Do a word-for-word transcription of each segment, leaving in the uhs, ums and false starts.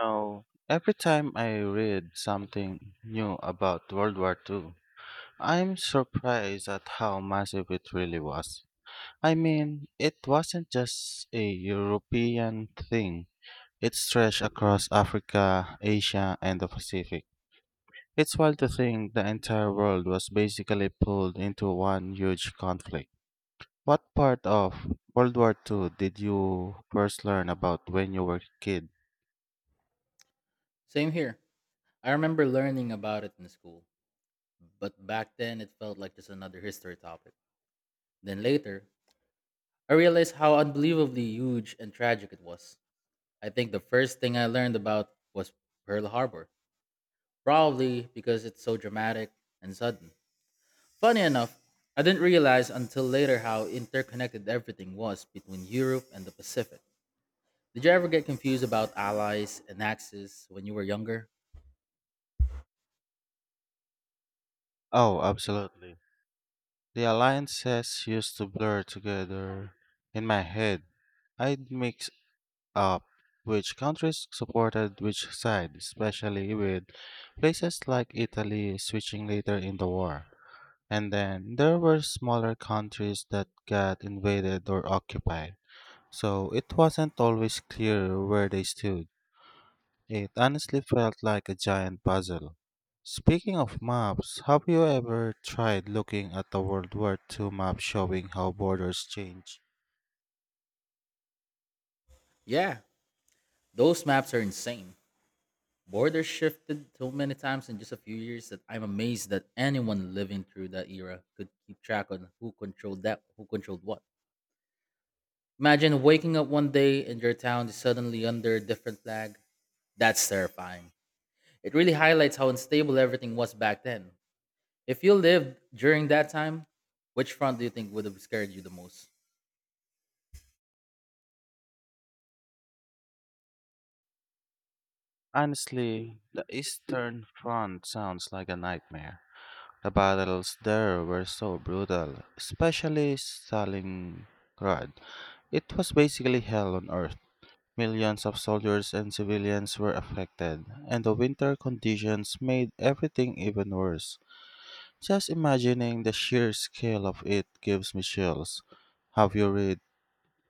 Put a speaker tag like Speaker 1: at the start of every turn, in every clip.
Speaker 1: Now, every time I read something new about World War two, I'm surprised at how massive it really was. I mean, it wasn't just a European thing. It stretched across Africa, Asia, and the Pacific. It's wild to think the entire world was basically pulled into one huge conflict. What part of World War two did you first learn about when you were a kid?
Speaker 2: Same here. I remember learning about it in school, but back then it felt like just another history topic. Then later, I realized how unbelievably huge and tragic it was. I think the first thing I learned about was Pearl Harbor, probably because it's so dramatic and sudden. Funny enough, I didn't realize until later how interconnected everything was between Europe and the Pacific. Did you ever get confused about allies and axis when you were younger?
Speaker 1: Oh, absolutely. The alliances used to blur together in my head. I'd mix up which countries supported which side, especially with places like Italy switching later in the war. And then there were smaller countries that got invaded or occupied, so it wasn't always clear where they stood. It honestly felt like a giant puzzle. Speaking of maps, have you ever tried looking at a World War two map showing how borders change?
Speaker 2: Yeah, those maps are insane. Borders shifted so many times in just a few years that I'm amazed that anyone living through that era could keep track on who controlled that, who controlled what. Imagine waking up one day and your town is suddenly under a different flag. That's terrifying. It really highlights how unstable everything was back then. If you lived during that time, which front do you think would have scared you the most?
Speaker 1: Honestly, the Eastern Front sounds like a nightmare. The battles there were so brutal, especially Stalingrad. It was basically hell on earth. Millions of soldiers and civilians were affected, and the winter conditions made everything even worse. Just imagining the sheer scale of it gives me chills. Have you read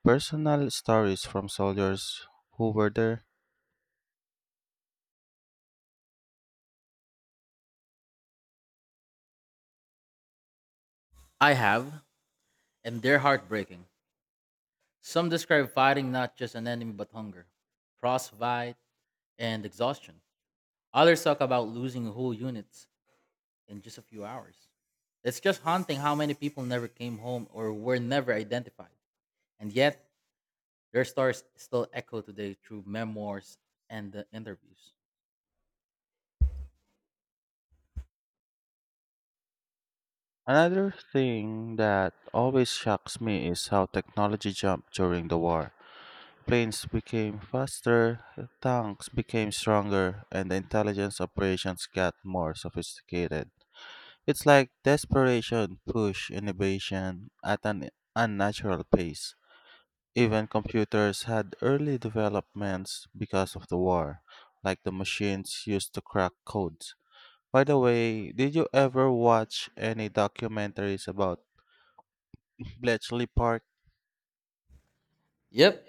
Speaker 1: personal stories from soldiers who were there?
Speaker 2: I have, and they're heartbreaking. Some describe fighting not just an enemy but hunger, frostbite, and exhaustion. Others talk about losing whole units in just a few hours. It's just haunting how many people never came home or were never identified. And yet, their stories still echo today through memoirs and the interviews.
Speaker 1: Another thing that always shocks me is how technology jumped during the war. Planes became faster, tanks became stronger, and the intelligence operations got more sophisticated. It's like desperation pushed innovation at an unnatural pace. Even computers had early developments because of the war, like the machines used to crack codes. By the way, did you ever watch any documentaries about Bletchley Park?
Speaker 2: Yep,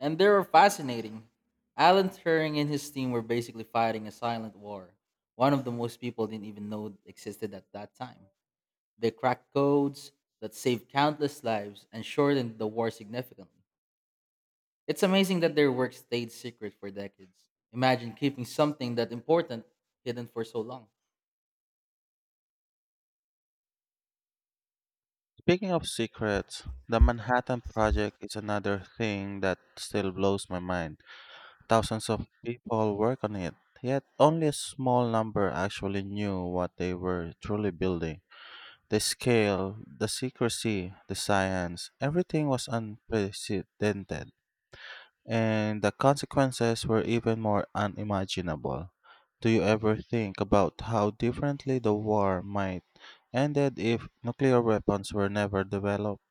Speaker 2: and they were fascinating. Alan Turing and his team were basically fighting a silent war, one of the most people didn't even know existed at that time. They cracked codes that saved countless lives and shortened the war significantly. It's amazing that their work stayed secret for decades. Imagine keeping something that important hidden for so long.
Speaker 1: Speaking of secrets, the Manhattan Project is another thing that still blows my mind. Thousands of people work on it, yet only a small number actually knew what they were truly building. The scale, the secrecy, the science, everything was unprecedented, and the consequences were even more unimaginable. Do you ever think about how differently the war might ended if nuclear weapons were never developed?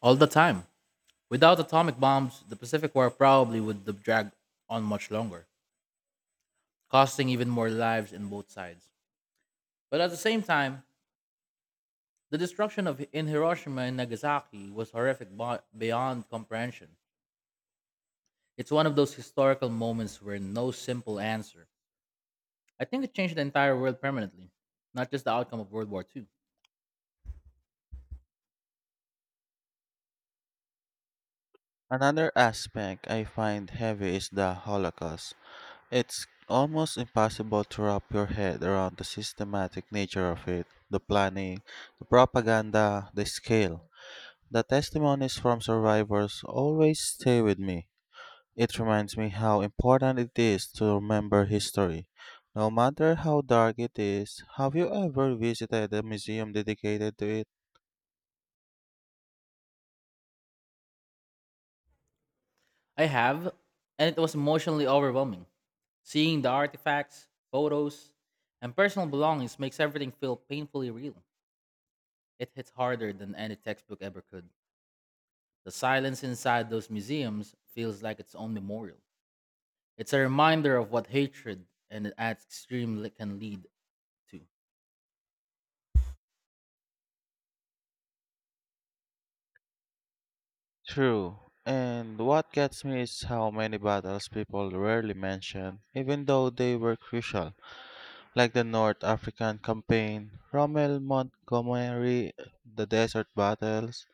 Speaker 2: All the time. Without atomic bombs, the Pacific War probably would have dragged on much longer, costing even more lives in both sides. But at the same time, the destruction of in Hiroshima and Nagasaki was horrific bo- beyond comprehension. It's one of those historical moments where no simple answer. I think it changed the entire world permanently, not just the outcome of World War two.
Speaker 1: Another aspect I find heavy is the Holocaust. It's almost impossible to wrap your head around the systematic nature of it, the planning, the propaganda, the scale. The testimonies from survivors always stay with me. It reminds me how important it is to remember history. No matter how dark it is, have you ever visited a museum dedicated to it?
Speaker 2: I have, and it was emotionally overwhelming. Seeing the artifacts, photos, and personal belongings makes everything feel painfully real. It hits harder than any textbook ever could. The silence inside those museums feels like its own memorial. It's a reminder of what hatred and its extreme li- can lead to.
Speaker 1: True. And what gets me is how many battles people rarely mention, even though they were crucial, like the North African Campaign, Rommel Montgomery, the Desert Battles.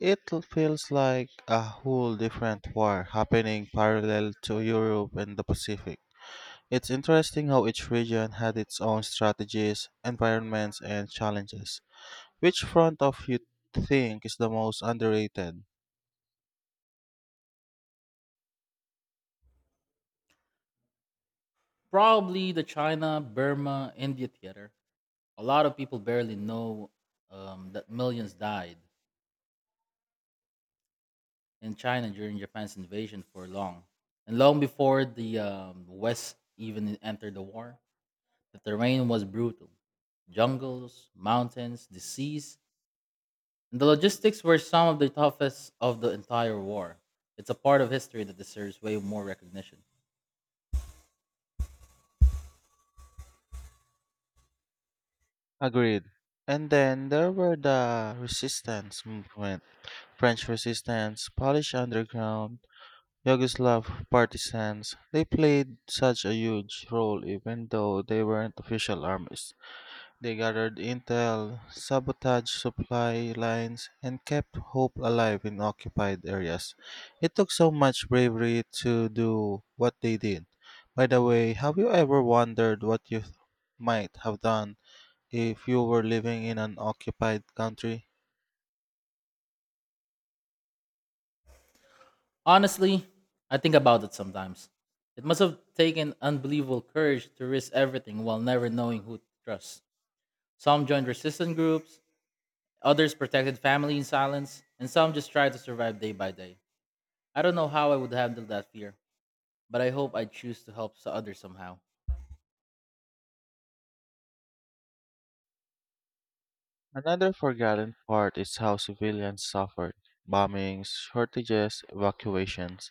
Speaker 1: It feels like a whole different war happening parallel to Europe and the Pacific. It's interesting how each region had its own strategies, environments, and challenges. Which front of you think is the most underrated?
Speaker 2: Probably the China, Burma, India theater. A lot of people barely know um, that millions died in China during Japan's invasion for long. And long before the um, West even entered the war, the terrain was brutal. Jungles, mountains, disease, and the logistics were some of the toughest of the entire war. It's a part of history that deserves way more recognition.
Speaker 1: Agreed. And then there were the resistance movement French resistance, Polish underground, Yugoslav partisans. They played such a huge role even though they weren't official armies. They gathered intel, sabotaged supply lines, and kept hope alive in occupied areas. It took so much bravery to do what they did. By the way, have you ever wondered what you might have done if you were living in an occupied country?
Speaker 2: Honestly, I think about it sometimes. It must have taken unbelievable courage to risk everything while never knowing who to trust. Some joined resistance groups, others protected family in silence, and some just tried to survive day by day. I don't know how I would handle that fear, but I hope I choose to help so- others somehow.
Speaker 1: Another forgotten part is how civilians suffered bombings, shortages, evacuations.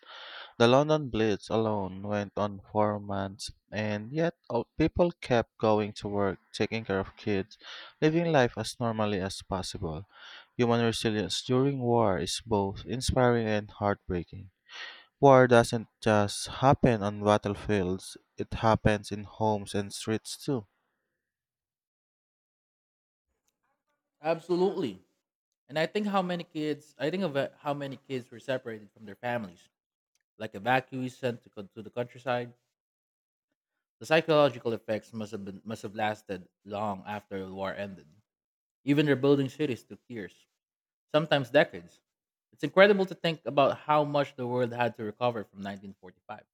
Speaker 1: The London Blitz alone went on for months, and yet all people kept going to work, taking care of kids, living life as normally as possible. Human resilience during war is both inspiring and heartbreaking. War doesn't just happen on battlefields, it happens in homes and streets too.
Speaker 2: Absolutely. And I think how many kids, I think of uh, how many kids were separated from their families, like evacuees sent to, co- to the countryside. The psychological effects must have been must have lasted long after the war ended. Even rebuilding cities took years, sometimes decades. It's incredible to think about how much the world had to recover from nineteen forty-five.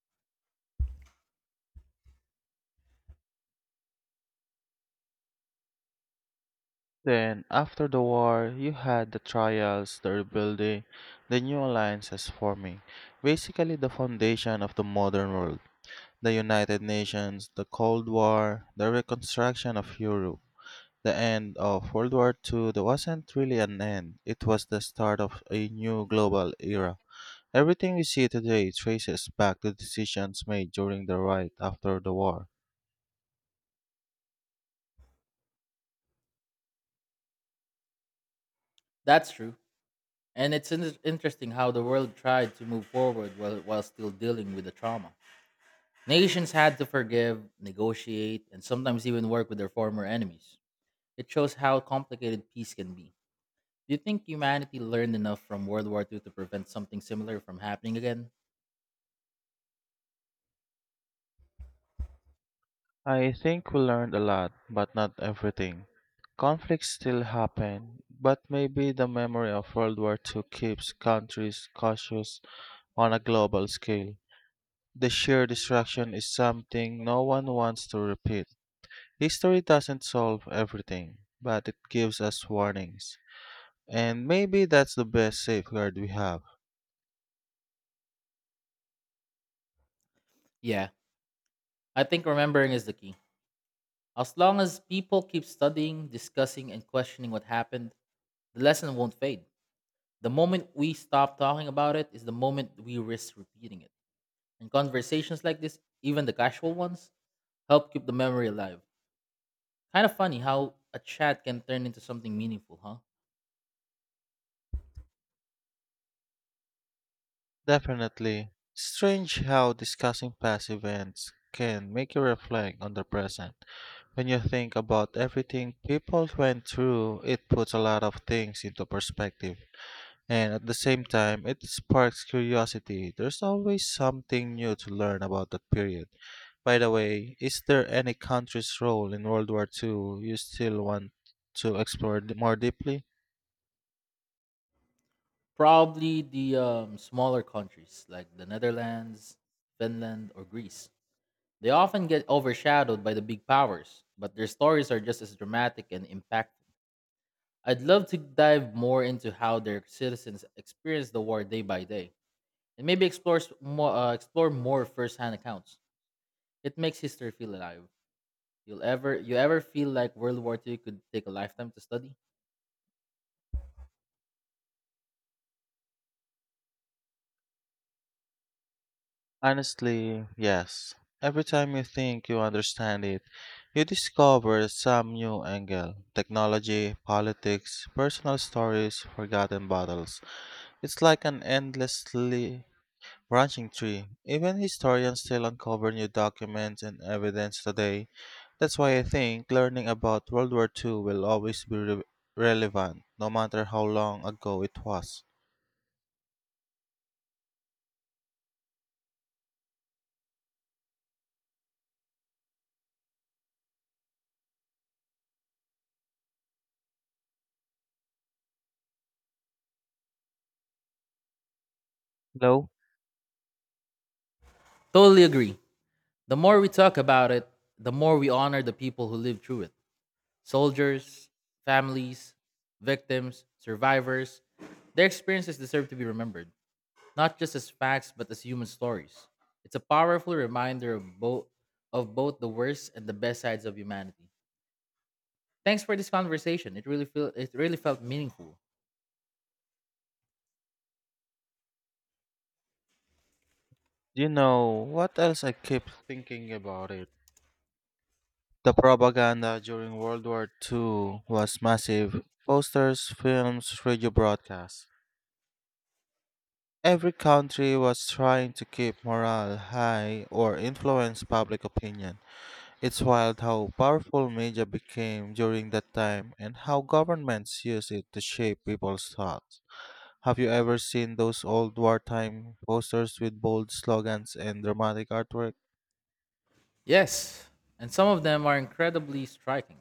Speaker 1: Then, after the war, you had the trials, the rebuilding, the new alliances forming, basically the foundation of the modern world. The United Nations, the Cold War, the reconstruction of Europe, the end of World War two that wasn't really an end, it was the start of a new global era. Everything we see today traces back to decisions made during the right after the war.
Speaker 2: That's true. And it's in- interesting how the world tried to move forward while, while still dealing with the trauma. Nations had to forgive, negotiate, and sometimes even work with their former enemies. It shows how complicated peace can be. Do you think humanity learned enough from World War two to prevent something similar from happening again?
Speaker 1: I think we learned a lot, but not everything. Conflicts still happen, but maybe the memory of World War two keeps countries cautious on a global scale. The sheer destruction is something no one wants to repeat. History doesn't solve everything, but it gives us warnings. And maybe that's the best safeguard we have.
Speaker 2: Yeah, I think remembering is the key. As long as people keep studying, discussing, and questioning what happened, the lesson won't fade. The moment we stop talking about it is the moment we risk repeating it. And conversations like this, even the casual ones, help keep the memory alive. Kind of funny how a chat can turn into something meaningful, huh?
Speaker 1: Definitely. Strange how discussing past events can make you reflect on the present. When you think about everything people went through, it puts a lot of things into perspective. And at the same time, it sparks curiosity. There's always something new to learn about that period. By the way, is there any country's role in World War two you still want to explore d- more deeply?
Speaker 2: Probably the um, smaller countries like the Netherlands, Finland, or Greece. They often get overshadowed by the big powers, but their stories are just as dramatic and impactful. I'd love to dive more into how their citizens experience the war day by day, and maybe explore more, uh, explore more firsthand accounts. It makes history feel alive. You'll ever you ever feel like World War two could take a lifetime to study?
Speaker 1: Honestly, yes. Every time you think you understand it, you discover some new angle technology, politics, personal stories, forgotten battles. It's like an endlessly branching tree. Even historians still uncover new documents and evidence today. That's why I think learning about World War two will always be re- relevant, no matter how long ago it was. Though,
Speaker 2: Totally agree. The more we talk about it, the more we honor the people who lived through it. Soldiers, families, victims, survivors. Their experiences deserve to be remembered, not just as facts but as human stories. It's a powerful reminder of both of both the worst and the best sides of humanity. Thanks for this conversation. It really feel it really felt meaningful.
Speaker 1: you know, what else I keep thinking about it? The propaganda during World War two was massive. Posters, films, radio broadcasts. Every country was trying to keep morale high or influence public opinion. It's wild how powerful media became during that time and how governments use it to shape people's thoughts. Have you ever seen those old wartime posters with bold slogans and dramatic artwork?
Speaker 2: Yes, and some of them are incredibly striking.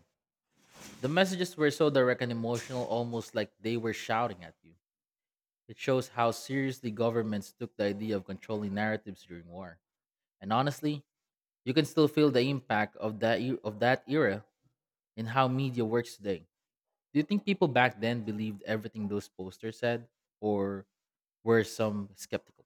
Speaker 2: The messages were so direct and emotional, almost like they were shouting at you. It shows how seriously governments took the idea of controlling narratives during war. And honestly, you can still feel the impact of that e- of that era in how media works today. Do you think people back then believed everything those posters said, or were some skeptical?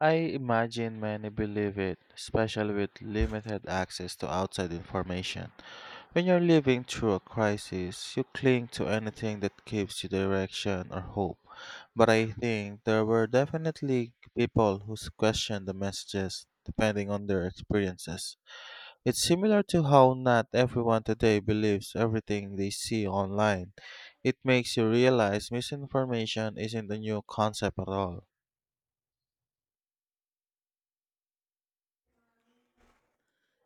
Speaker 1: I imagine many believe it, especially with limited access to outside information. When you're living through a crisis, you cling to anything that gives you direction or hope. But I think there were definitely people who questioned the messages depending on their experiences. It's similar to how not everyone today believes everything they see online. It makes you realize misinformation isn't a new concept at all.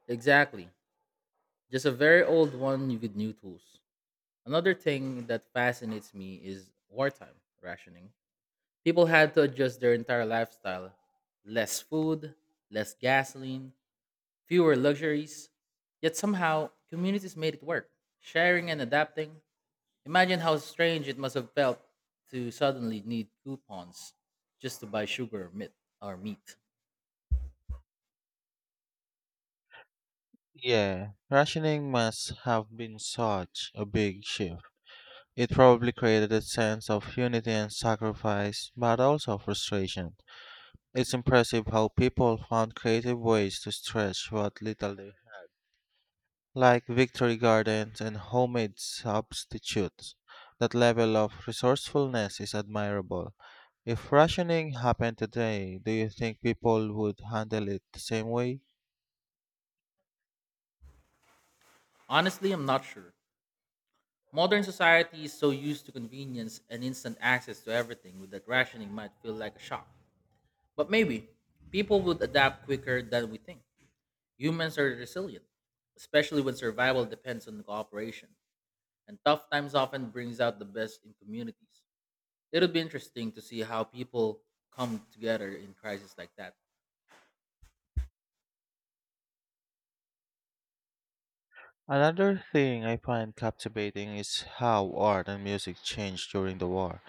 Speaker 2: Exactly, just a very old one with new tools. Another thing that fascinates me is wartime rationing. People had to adjust their entire lifestyle: less food, less gasoline, fewer luxuries. Yet somehow, communities made it work, sharing and adapting. Imagine how strange it must have felt to suddenly need coupons just to buy sugar or meat. Or meat.
Speaker 1: Yeah, rationing must have been such a big shift. It probably created a sense of unity and sacrifice, but also frustration. It's impressive how people found creative ways to stretch what little they had, like victory gardens and homemade substitutes. That level of resourcefulness is admirable. If rationing happened today, do you think people would handle it the same way?
Speaker 2: Honestly, I'm not sure. Modern society is so used to convenience and instant access to everything that rationing might feel like a shock. But maybe people would adapt quicker than we think. Humans are resilient, especially when survival depends on cooperation, and tough times often brings out the best in communities. It'll be interesting to see how people come together in crises like that.
Speaker 1: Another thing I find captivating is how art and music changed during the war.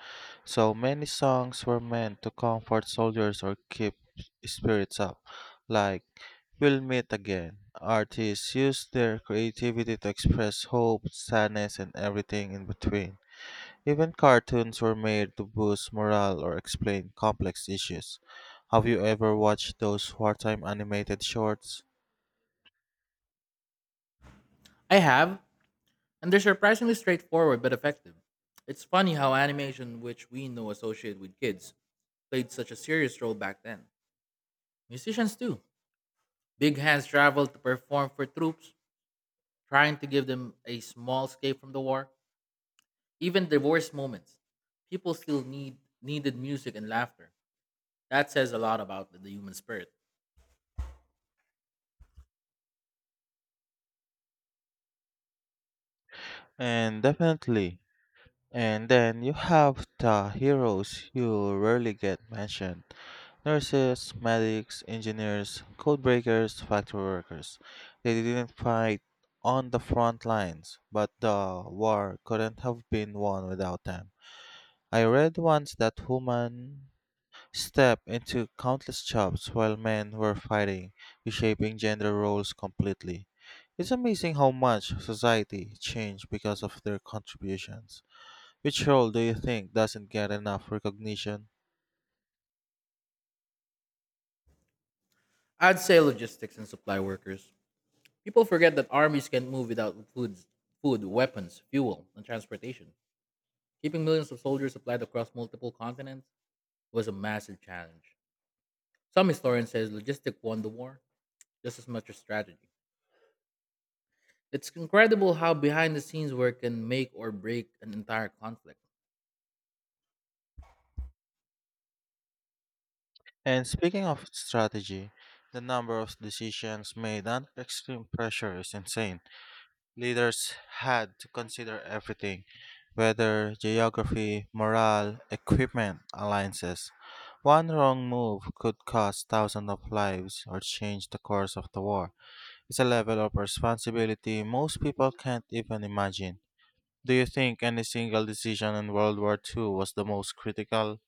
Speaker 1: So many songs were meant to comfort soldiers or keep spirits up, like We'll Meet Again. Artists used their creativity to express hope, sadness, and everything in between. Even cartoons were made to boost morale or explain complex issues. Have you ever watched those wartime animated shorts?
Speaker 2: I have, and they're surprisingly straightforward but effective. It's funny how animation, which we know associated with kids, played such a serious role back then. Musicians too. Big Hands traveled to perform for troops, trying to give them a small escape from the war. Even the worst moments, people still need needed music and laughter. That says a lot about the human spirit.
Speaker 1: And definitely. And then you have the heroes who rarely get mentioned nurses, medics, engineers, code breakers, factory workers. They didn't fight on the front lines, but the war couldn't have been won without them. I read once that women stepped into countless jobs while men were fighting, reshaping gender roles completely. It's amazing how much society changed because of their contributions. Which role do you think doesn't get enough recognition?
Speaker 2: I'd say logistics and supply workers. People forget that armies can't move without food, food, weapons, fuel, and transportation. Keeping millions of soldiers supplied across multiple continents was a massive challenge. Some historians say logistics won the war just as much as strategy. It's incredible how behind the scenes work can make or break an entire conflict.
Speaker 1: And speaking of strategy, the number of decisions made under extreme pressure is insane. Leaders had to consider everything weather, geography, morale, equipment, alliances. One wrong move could cost thousands of lives or change the course of the war. It's a level of responsibility most people can't even imagine. Do you think any single decision in World War two was the most critical?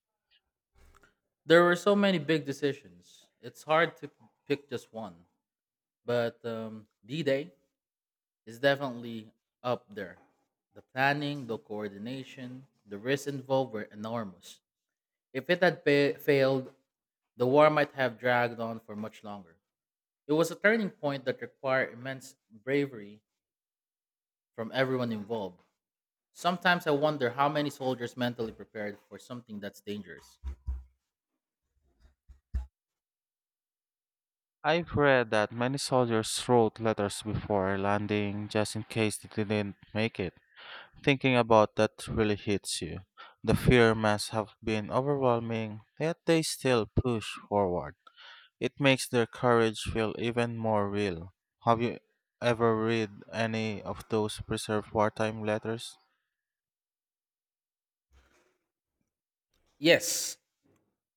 Speaker 2: There were so many big decisions. It's hard to pick just one, but um, D Day is definitely up there. The planning, the coordination, the risks involved were enormous. If it had fa- failed, the war might have dragged on for much longer. It was a turning point that required immense bravery from everyone involved. Sometimes I wonder how many soldiers mentally prepared for something that's dangerous.
Speaker 1: I've read that many soldiers wrote letters before landing just in case they didn't make it. Thinking about that really hits you. The fear must have been overwhelming, yet they still push forward. It makes their courage feel even more real. Have you ever read any of those preserved wartime letters?
Speaker 2: Yes,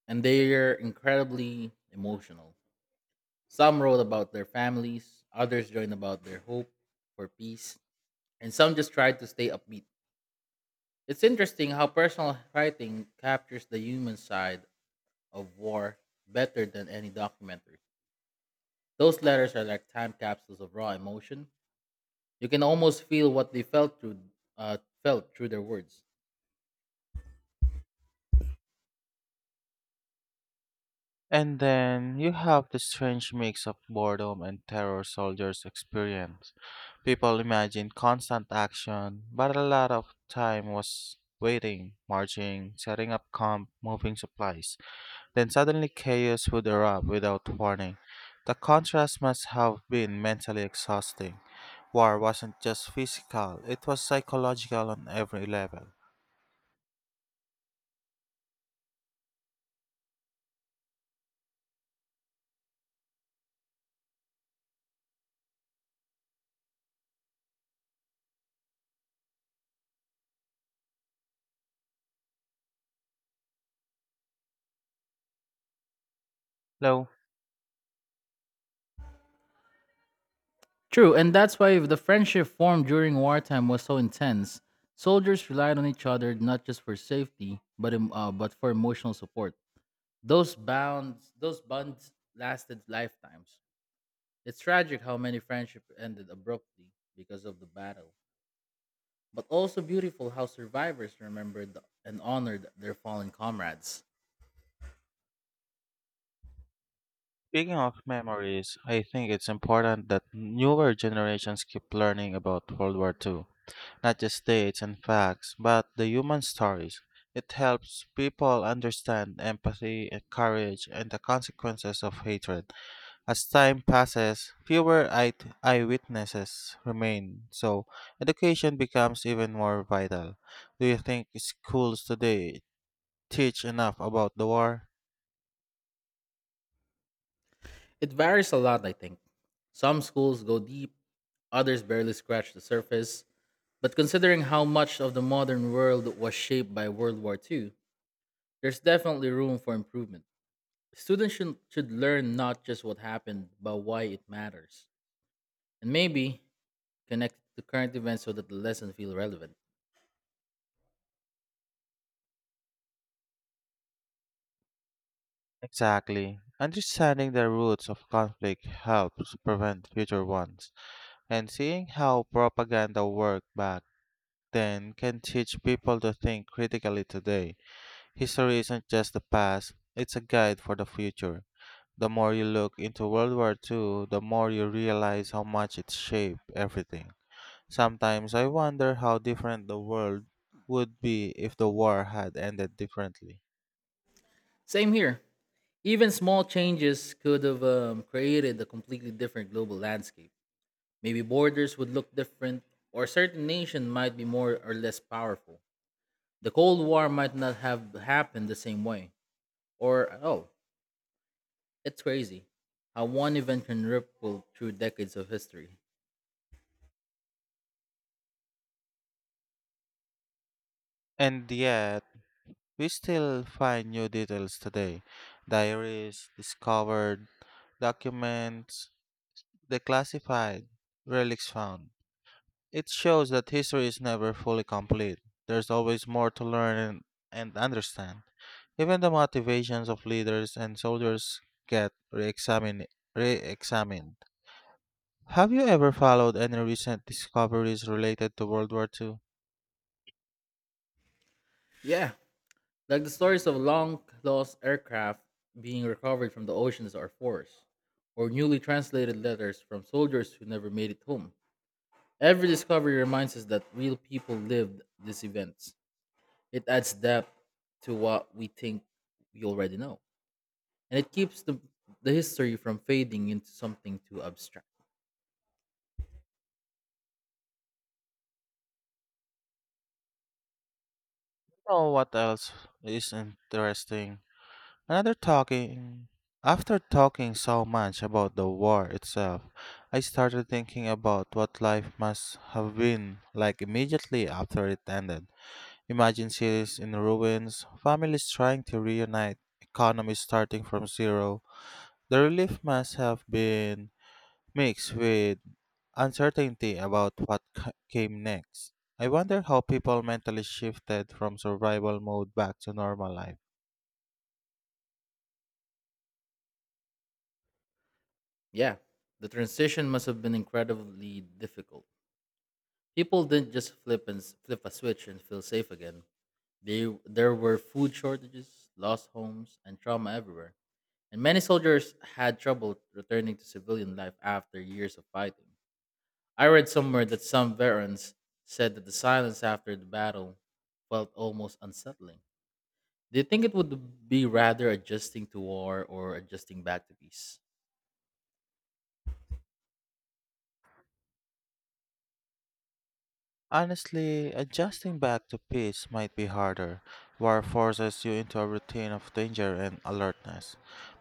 Speaker 2: and they are incredibly emotional. Some wrote about their families, others joined about their hope for peace, and some just tried to stay upbeat. It's interesting how personal writing captures the human side of war better than any documentary. Those letters are like time capsules of raw emotion. You can almost feel what they felt through uh, felt through their words.
Speaker 1: And then you have the strange mix of boredom and terror soldiers experience. People imagine constant action, but a lot of time was waiting, marching, setting up camp, moving supplies. Then suddenly chaos would erupt without warning. The contrast must have been mentally exhausting. War wasn't just physical, it was psychological on every level. Though,
Speaker 2: True, and that's why the friendship formed during wartime was so intense. Soldiers relied on each other not just for safety, but em- uh, but for emotional support. Those bonds, those bonds lasted lifetimes. It's tragic how many friendships ended abruptly because of the battle, but also beautiful how survivors remembered and honored their fallen comrades.
Speaker 1: speaking of memories, I think it's important that newer generations keep learning about World War two. Not just dates and facts, but the human stories. It helps people understand empathy, and courage, and the consequences of hatred. As time passes, fewer eye- eyewitnesses remain, so education becomes even more vital. Do you think schools today teach enough about the war?
Speaker 2: It varies a lot, I think. Some schools go deep, others barely scratch the surface. But considering how much of the modern world was shaped by World War second, there's definitely room for improvement. Students should, should learn not just what happened, but why it matters. And maybe connected to current events so that the lessons feel relevant.
Speaker 1: Exactly. Understanding the roots of conflict helps prevent future ones, and seeing how propaganda worked back then can teach people to think critically today. History isn't just the past, it's a guide for the future. The more you look into World War two, the more you realize how much it shaped everything. Sometimes I wonder how different the world would be if the war had ended differently.
Speaker 2: Same here. Even small changes could have um, created a completely different global landscape. Maybe borders would look different, or a certain nation might be more or less powerful. The Cold War might not have happened the same way, or at all. It's crazy how one event can ripple through decades of history.
Speaker 1: And yet, we still find new details today. Diaries discovered, documents declassified, relics found. It shows that history is never fully complete. There's always more to learn and, and understand. Even the motivations of leaders and soldiers get re-examined. re-examined. Have you ever followed any recent discoveries related to World War two?
Speaker 2: Yeah, like the stories of long lost aircraft being recovered from the oceans or forests, or newly translated letters from soldiers who never made it home. Every discovery reminds us that real people lived these events. It adds depth to what we think we already know, and it keeps the, the history from fading into something too abstract.
Speaker 1: Oh, what else is interesting? Another talking. After talking so much about the war itself, I started thinking about what life must have been like immediately after it ended. Imagine cities in ruins, families trying to reunite, economies starting from zero. The relief must have been mixed with uncertainty about what c- came next. I wonder how people mentally shifted from survival mode back to normal life.
Speaker 2: Yeah, the transition must have been incredibly difficult. People didn't just flip and s- flip a switch and feel safe again. They, there were food shortages, lost homes, and trauma everywhere. And many soldiers had trouble returning to civilian life after years of fighting. I read somewhere that some veterans said that the silence after the battle felt almost unsettling. Do you think it would be rather adjusting to war or adjusting back to peace?
Speaker 1: Honestly, adjusting back to peace might be harder. War forces you into a routine of danger and alertness.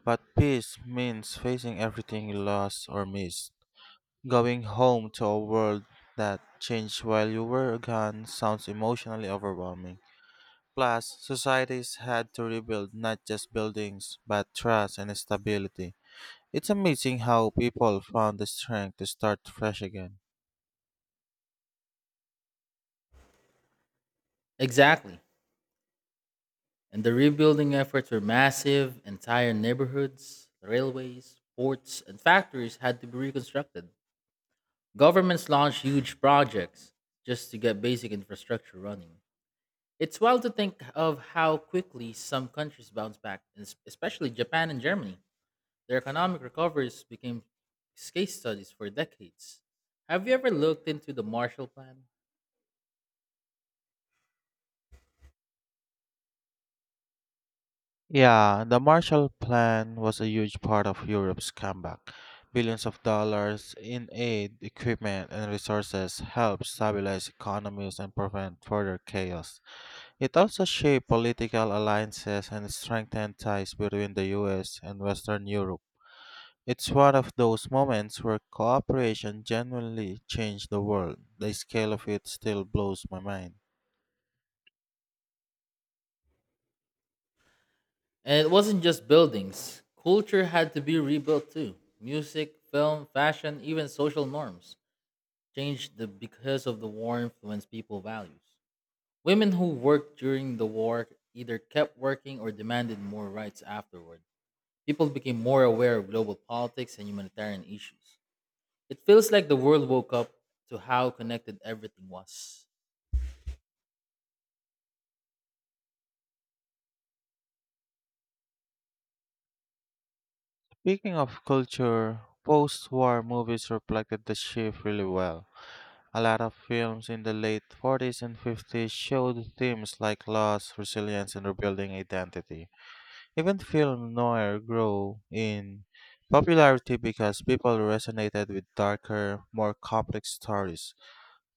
Speaker 1: But peace means facing everything you lost or missed. Going home to a world that changed while you were gone sounds emotionally overwhelming. Plus, societies had to rebuild not just buildings, but trust and stability. It's amazing how people found the strength to start fresh again.
Speaker 2: Exactly. And the rebuilding efforts were massive. Entire neighborhoods, railways, ports, and factories had to be reconstructed. Governments launch huge projects just to get basic infrastructure running. It's wild to think of how quickly some countries bounce back, and es- especially Japan and Germany. Their economic recoveries became case studies for decades. Have you ever looked into the Marshall Plan?
Speaker 1: Yeah, the Marshall Plan was a huge part of Europe's comeback. Billions of dollars in aid, equipment, and resources helped stabilize economies and prevent further chaos. It also shaped political alliances and strengthened ties between the U S and Western Europe. It's one of those moments where cooperation genuinely changed the world. The scale of it still blows my mind.
Speaker 2: And it wasn't just buildings, culture had to be rebuilt too. Music, film, fashion, even social norms changed the, because of the war influence people values. Women who worked during the war either kept working or demanded more rights afterward. People became more aware of global politics and humanitarian issues. It feels like the world woke up to how connected everything was.
Speaker 1: Speaking of culture, post war movies reflected the shift really well. A lot of films in the late forties and fifties showed themes like loss, resilience, and rebuilding identity. Even film noir grew in popularity because people resonated with darker, more complex stories.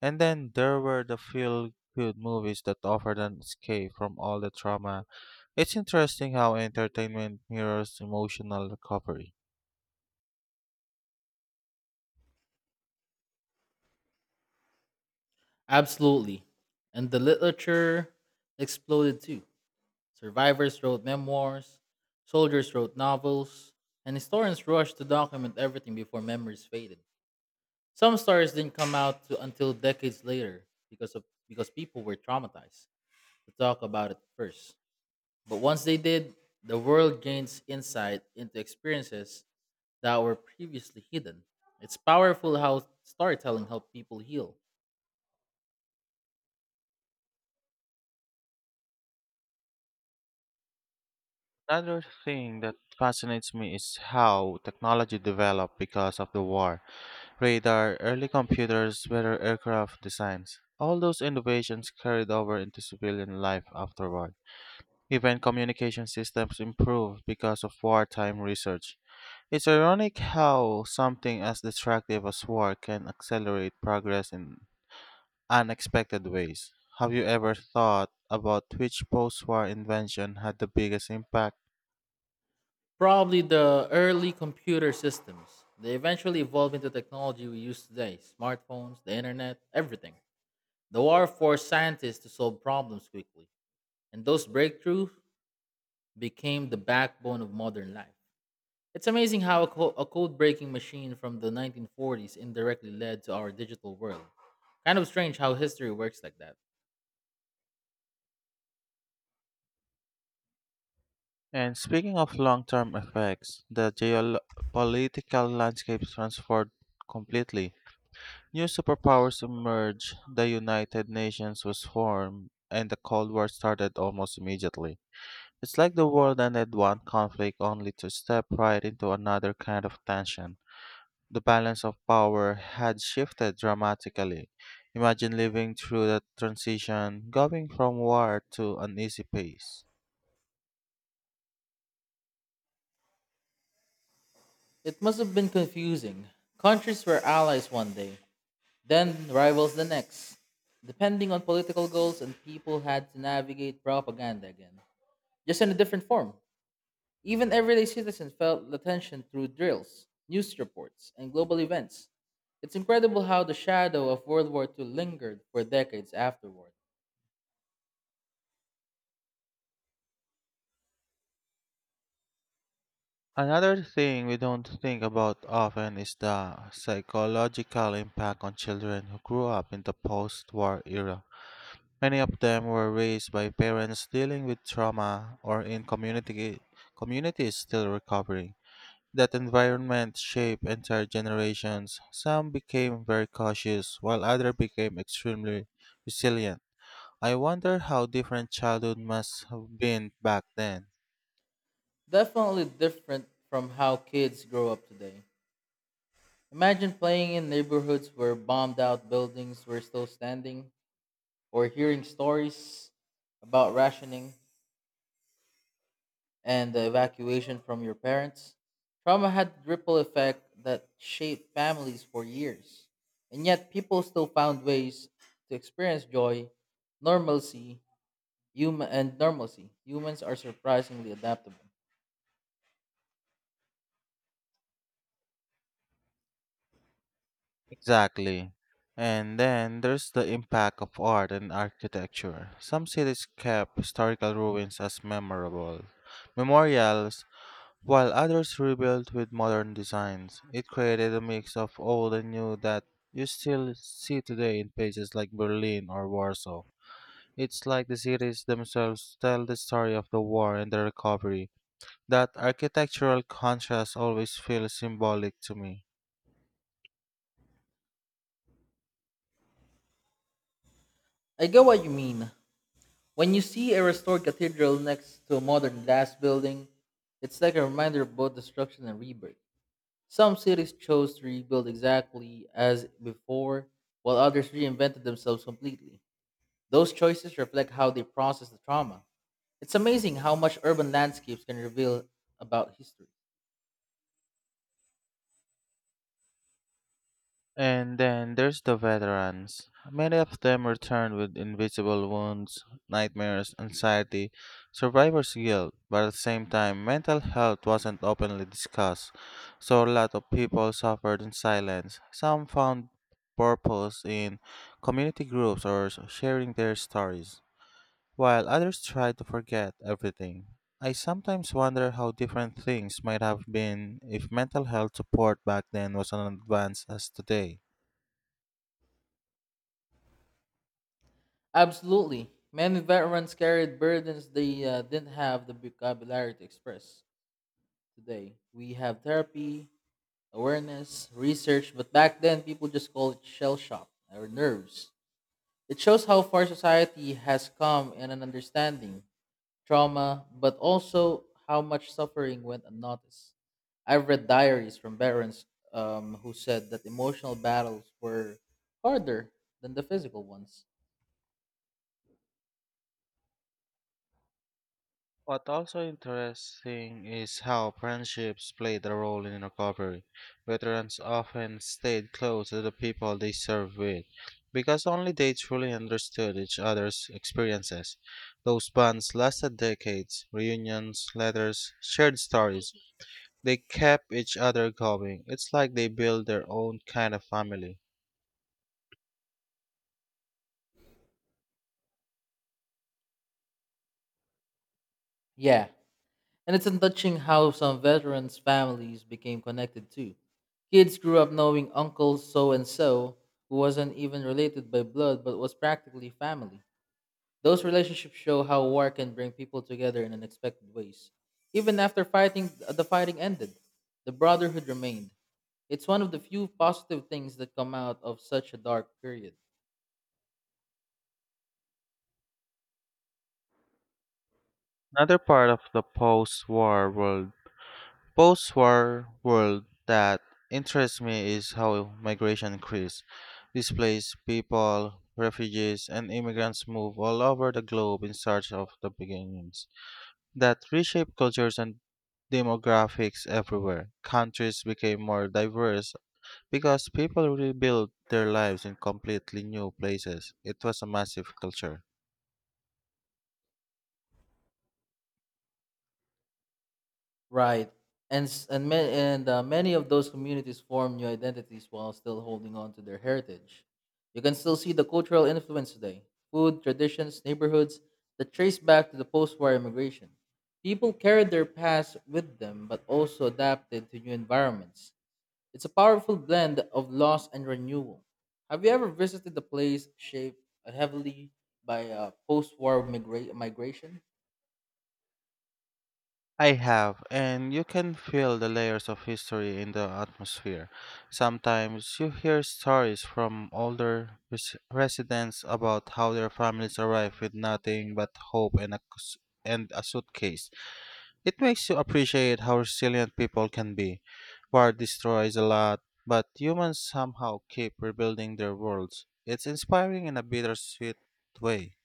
Speaker 1: And then there were the feel good movies that offered an escape from all the trauma. It's interesting how entertainment mirrors emotional recovery.
Speaker 2: Absolutely. And the literature exploded too. Survivors wrote memoirs, soldiers wrote novels, and historians rushed to document everything before memories faded. Some stories didn't come out to, until decades later because of because people were traumatized to talk about it first. But once they did, the world gains insight into experiences that were previously hidden. It's powerful how storytelling helped people heal.
Speaker 1: Another thing that fascinates me is how technology developed because of the war: radar, early computers, better aircraft designs. All those innovations carried over into civilian life afterward. Even communication systems improved because of wartime research. It's ironic how something as destructive as war can accelerate progress in unexpected ways. Have you ever thought about which post war invention had the biggest impact?
Speaker 2: Probably the early computer systems. They eventually evolved into technology we use today: smartphones, the internet, everything. The war forced scientists to solve problems quickly, and those breakthroughs became the backbone of modern life. It's amazing how a, co- a code breaking machine from the nineteen forties indirectly led to our digital world. Kind of strange how history works like that.
Speaker 1: And speaking of long term effects, the geopolitical landscape transformed completely. New superpowers emerged, the United Nations was formed, and the Cold War started almost immediately. It's like the world ended one conflict only to step right into another kind of tension. The balance of power had shifted dramatically. Imagine living through that transition, going from war to uneasy peace.
Speaker 2: It must have been confusing. Countries were allies one day, then rivals the next, depending on political goals, and people had to navigate propaganda again, just in a different form. Even everyday citizens felt the tension through drills, news reports, and global events. It's incredible how the shadow of World War two lingered for decades afterward.
Speaker 1: Another thing we don't think about often is the psychological impact on children who grew up in the post war era. Many of them were raised by parents dealing with trauma or in community, communities still recovering. That environment shaped entire generations. Some became very cautious, while others became extremely resilient. I wonder how different childhood must have been back then.
Speaker 2: Definitely different from how kids grow up today. Imagine playing in neighborhoods where bombed out buildings were still standing, or hearing stories about rationing and the evacuation from your parents. Trauma had ripple effect that shaped families for years. And yet people still found ways to experience joy, normalcy, hum- and normalcy. Humans are surprisingly adaptable.
Speaker 1: Exactly. And then there's the impact of art and architecture. Some cities kept historical ruins as memorable memorials while others rebuilt with modern designs. It created a mix of old and new that you still see today in places like Berlin or Warsaw. It's like the cities themselves tell the story of the war and the recovery. That architectural contrast always feels symbolic to me.
Speaker 2: I get what you mean. When you see a restored cathedral next to a modern glass building, it's like a reminder of both destruction and rebirth. Some cities chose to rebuild exactly as before, while others reinvented themselves completely. Those choices reflect how they process the trauma. It's amazing how much urban landscapes can reveal about history.
Speaker 1: And then there's the veterans. Many of them return with invisible wounds, nightmares, anxiety, survivor's guilt, but at the same time, mental health wasn't openly discussed, so a lot of people suffered in silence. Some found purpose in community groups or s- sharing their stories, while others tried to forget everything. I sometimes wonder how different things might have been if mental health support back then was as advanced as today.
Speaker 2: Absolutely. Many veterans carried burdens they uh, didn't have the vocabulary to express. Today, we have therapy, awareness, research, but back then people just called it shell shock or nerves. It shows how far society has come in an understanding, trauma, but also how much suffering went unnoticed. I've read diaries from veterans um, who said that emotional battles were harder than the physical ones.
Speaker 1: What also interesting is how friendships played a role in recovery. Veterans often stayed close to the people they served with because only they truly understood each other's experiences. Those bonds lasted decades, reunions, letters, shared stories. They kept each other going. It's like they built their own kind of family.
Speaker 2: Yeah, and it's touching how some veterans' families became connected too. Kids grew up knowing Uncle so and so, who wasn't even related by blood but was practically family. Those relationships show how war can bring people together in unexpected ways. Even after fighting, the fighting ended, the brotherhood remained. It's one of the few positive things that come out of such a dark period.
Speaker 1: Another part of the post war world post-war world that interests me is how migration increases. Displaced people, refugees, and immigrants move all over the globe in search of the beginnings that reshape cultures and demographics everywhere. Countries became more diverse because people rebuilt their lives in completely new places. It was a massive culture.
Speaker 2: Right. And s- and ma- and uh, many of those communities form new identities while still holding on to their heritage. You can still see the cultural influence today. Food, traditions, neighborhoods that trace back to the post-war immigration. People carried their past with them but also adapted to new environments. It's a powerful blend of loss and renewal. Have you ever visited a place shaped heavily by uh, post-war migra- migration?
Speaker 1: I have, and you can feel the layers of history in the atmosphere. Sometimes you hear stories from older res- residents about how their families arrived with nothing but hope and a, cus- and a suitcase. It makes you appreciate how resilient people can be. War destroys a lot, but humans somehow keep rebuilding their worlds. It's inspiring in a bittersweet way.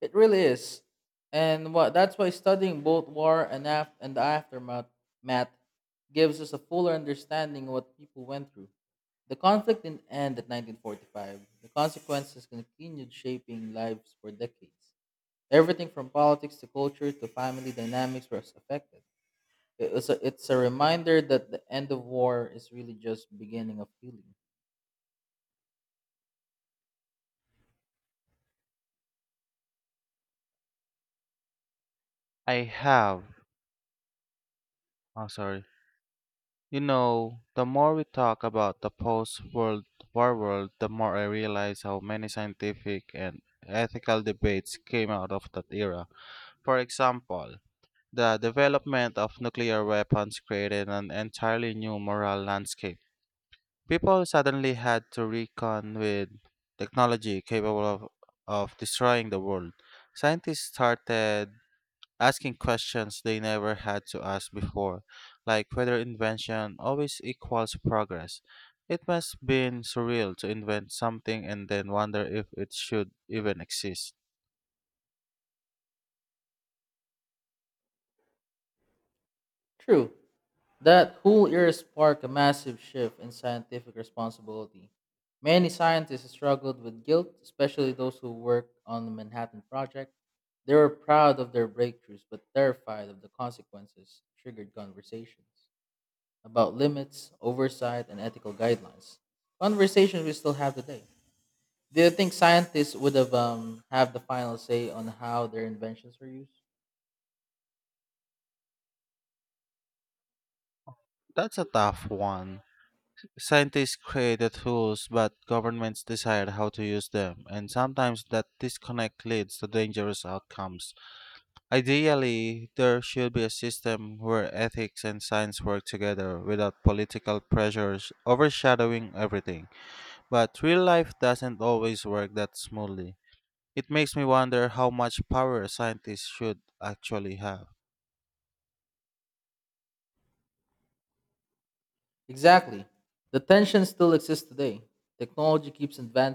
Speaker 2: It really is. And what that's why studying both war and af- and the aftermath math gives us a fuller understanding of what people went through. The conflict didn't end at nineteen forty-five. The consequences continued shaping lives for decades. Everything from politics to culture to family dynamics was affected. It was a, it's a reminder that the end of war is really just beginning of healing.
Speaker 1: I have. Oh, sorry. You know, the more we talk about the post-World War world, the more I realize how many scientific and ethical debates came out of that era. For example, the development of nuclear weapons created an entirely new moral landscape. People suddenly had to reckon with technology capable of, of destroying the world. Scientists started asking questions they never had to ask before, like whether invention always equals progress. It must been surreal to invent something and then wonder if it should even exist.
Speaker 2: True, that whole era sparked a massive shift in scientific responsibility. Many scientists struggled with guilt, especially those who worked on the Manhattan Project. They were proud of their breakthroughs but terrified of the consequences, triggered conversations about limits, oversight, and ethical guidelines. Conversations we still have today. Do you think scientists would have um, have the final say on how their inventions were used?
Speaker 1: That's a tough one. Scientists create the tools, but governments decide how to use them, and sometimes that disconnect leads to dangerous outcomes. Ideally, there should be a system where ethics and science work together without political pressures overshadowing everything. But real life doesn't always work that smoothly. It makes me wonder how much power scientists should actually have.
Speaker 2: Exactly. The tension still exists today. Technology keeps advancing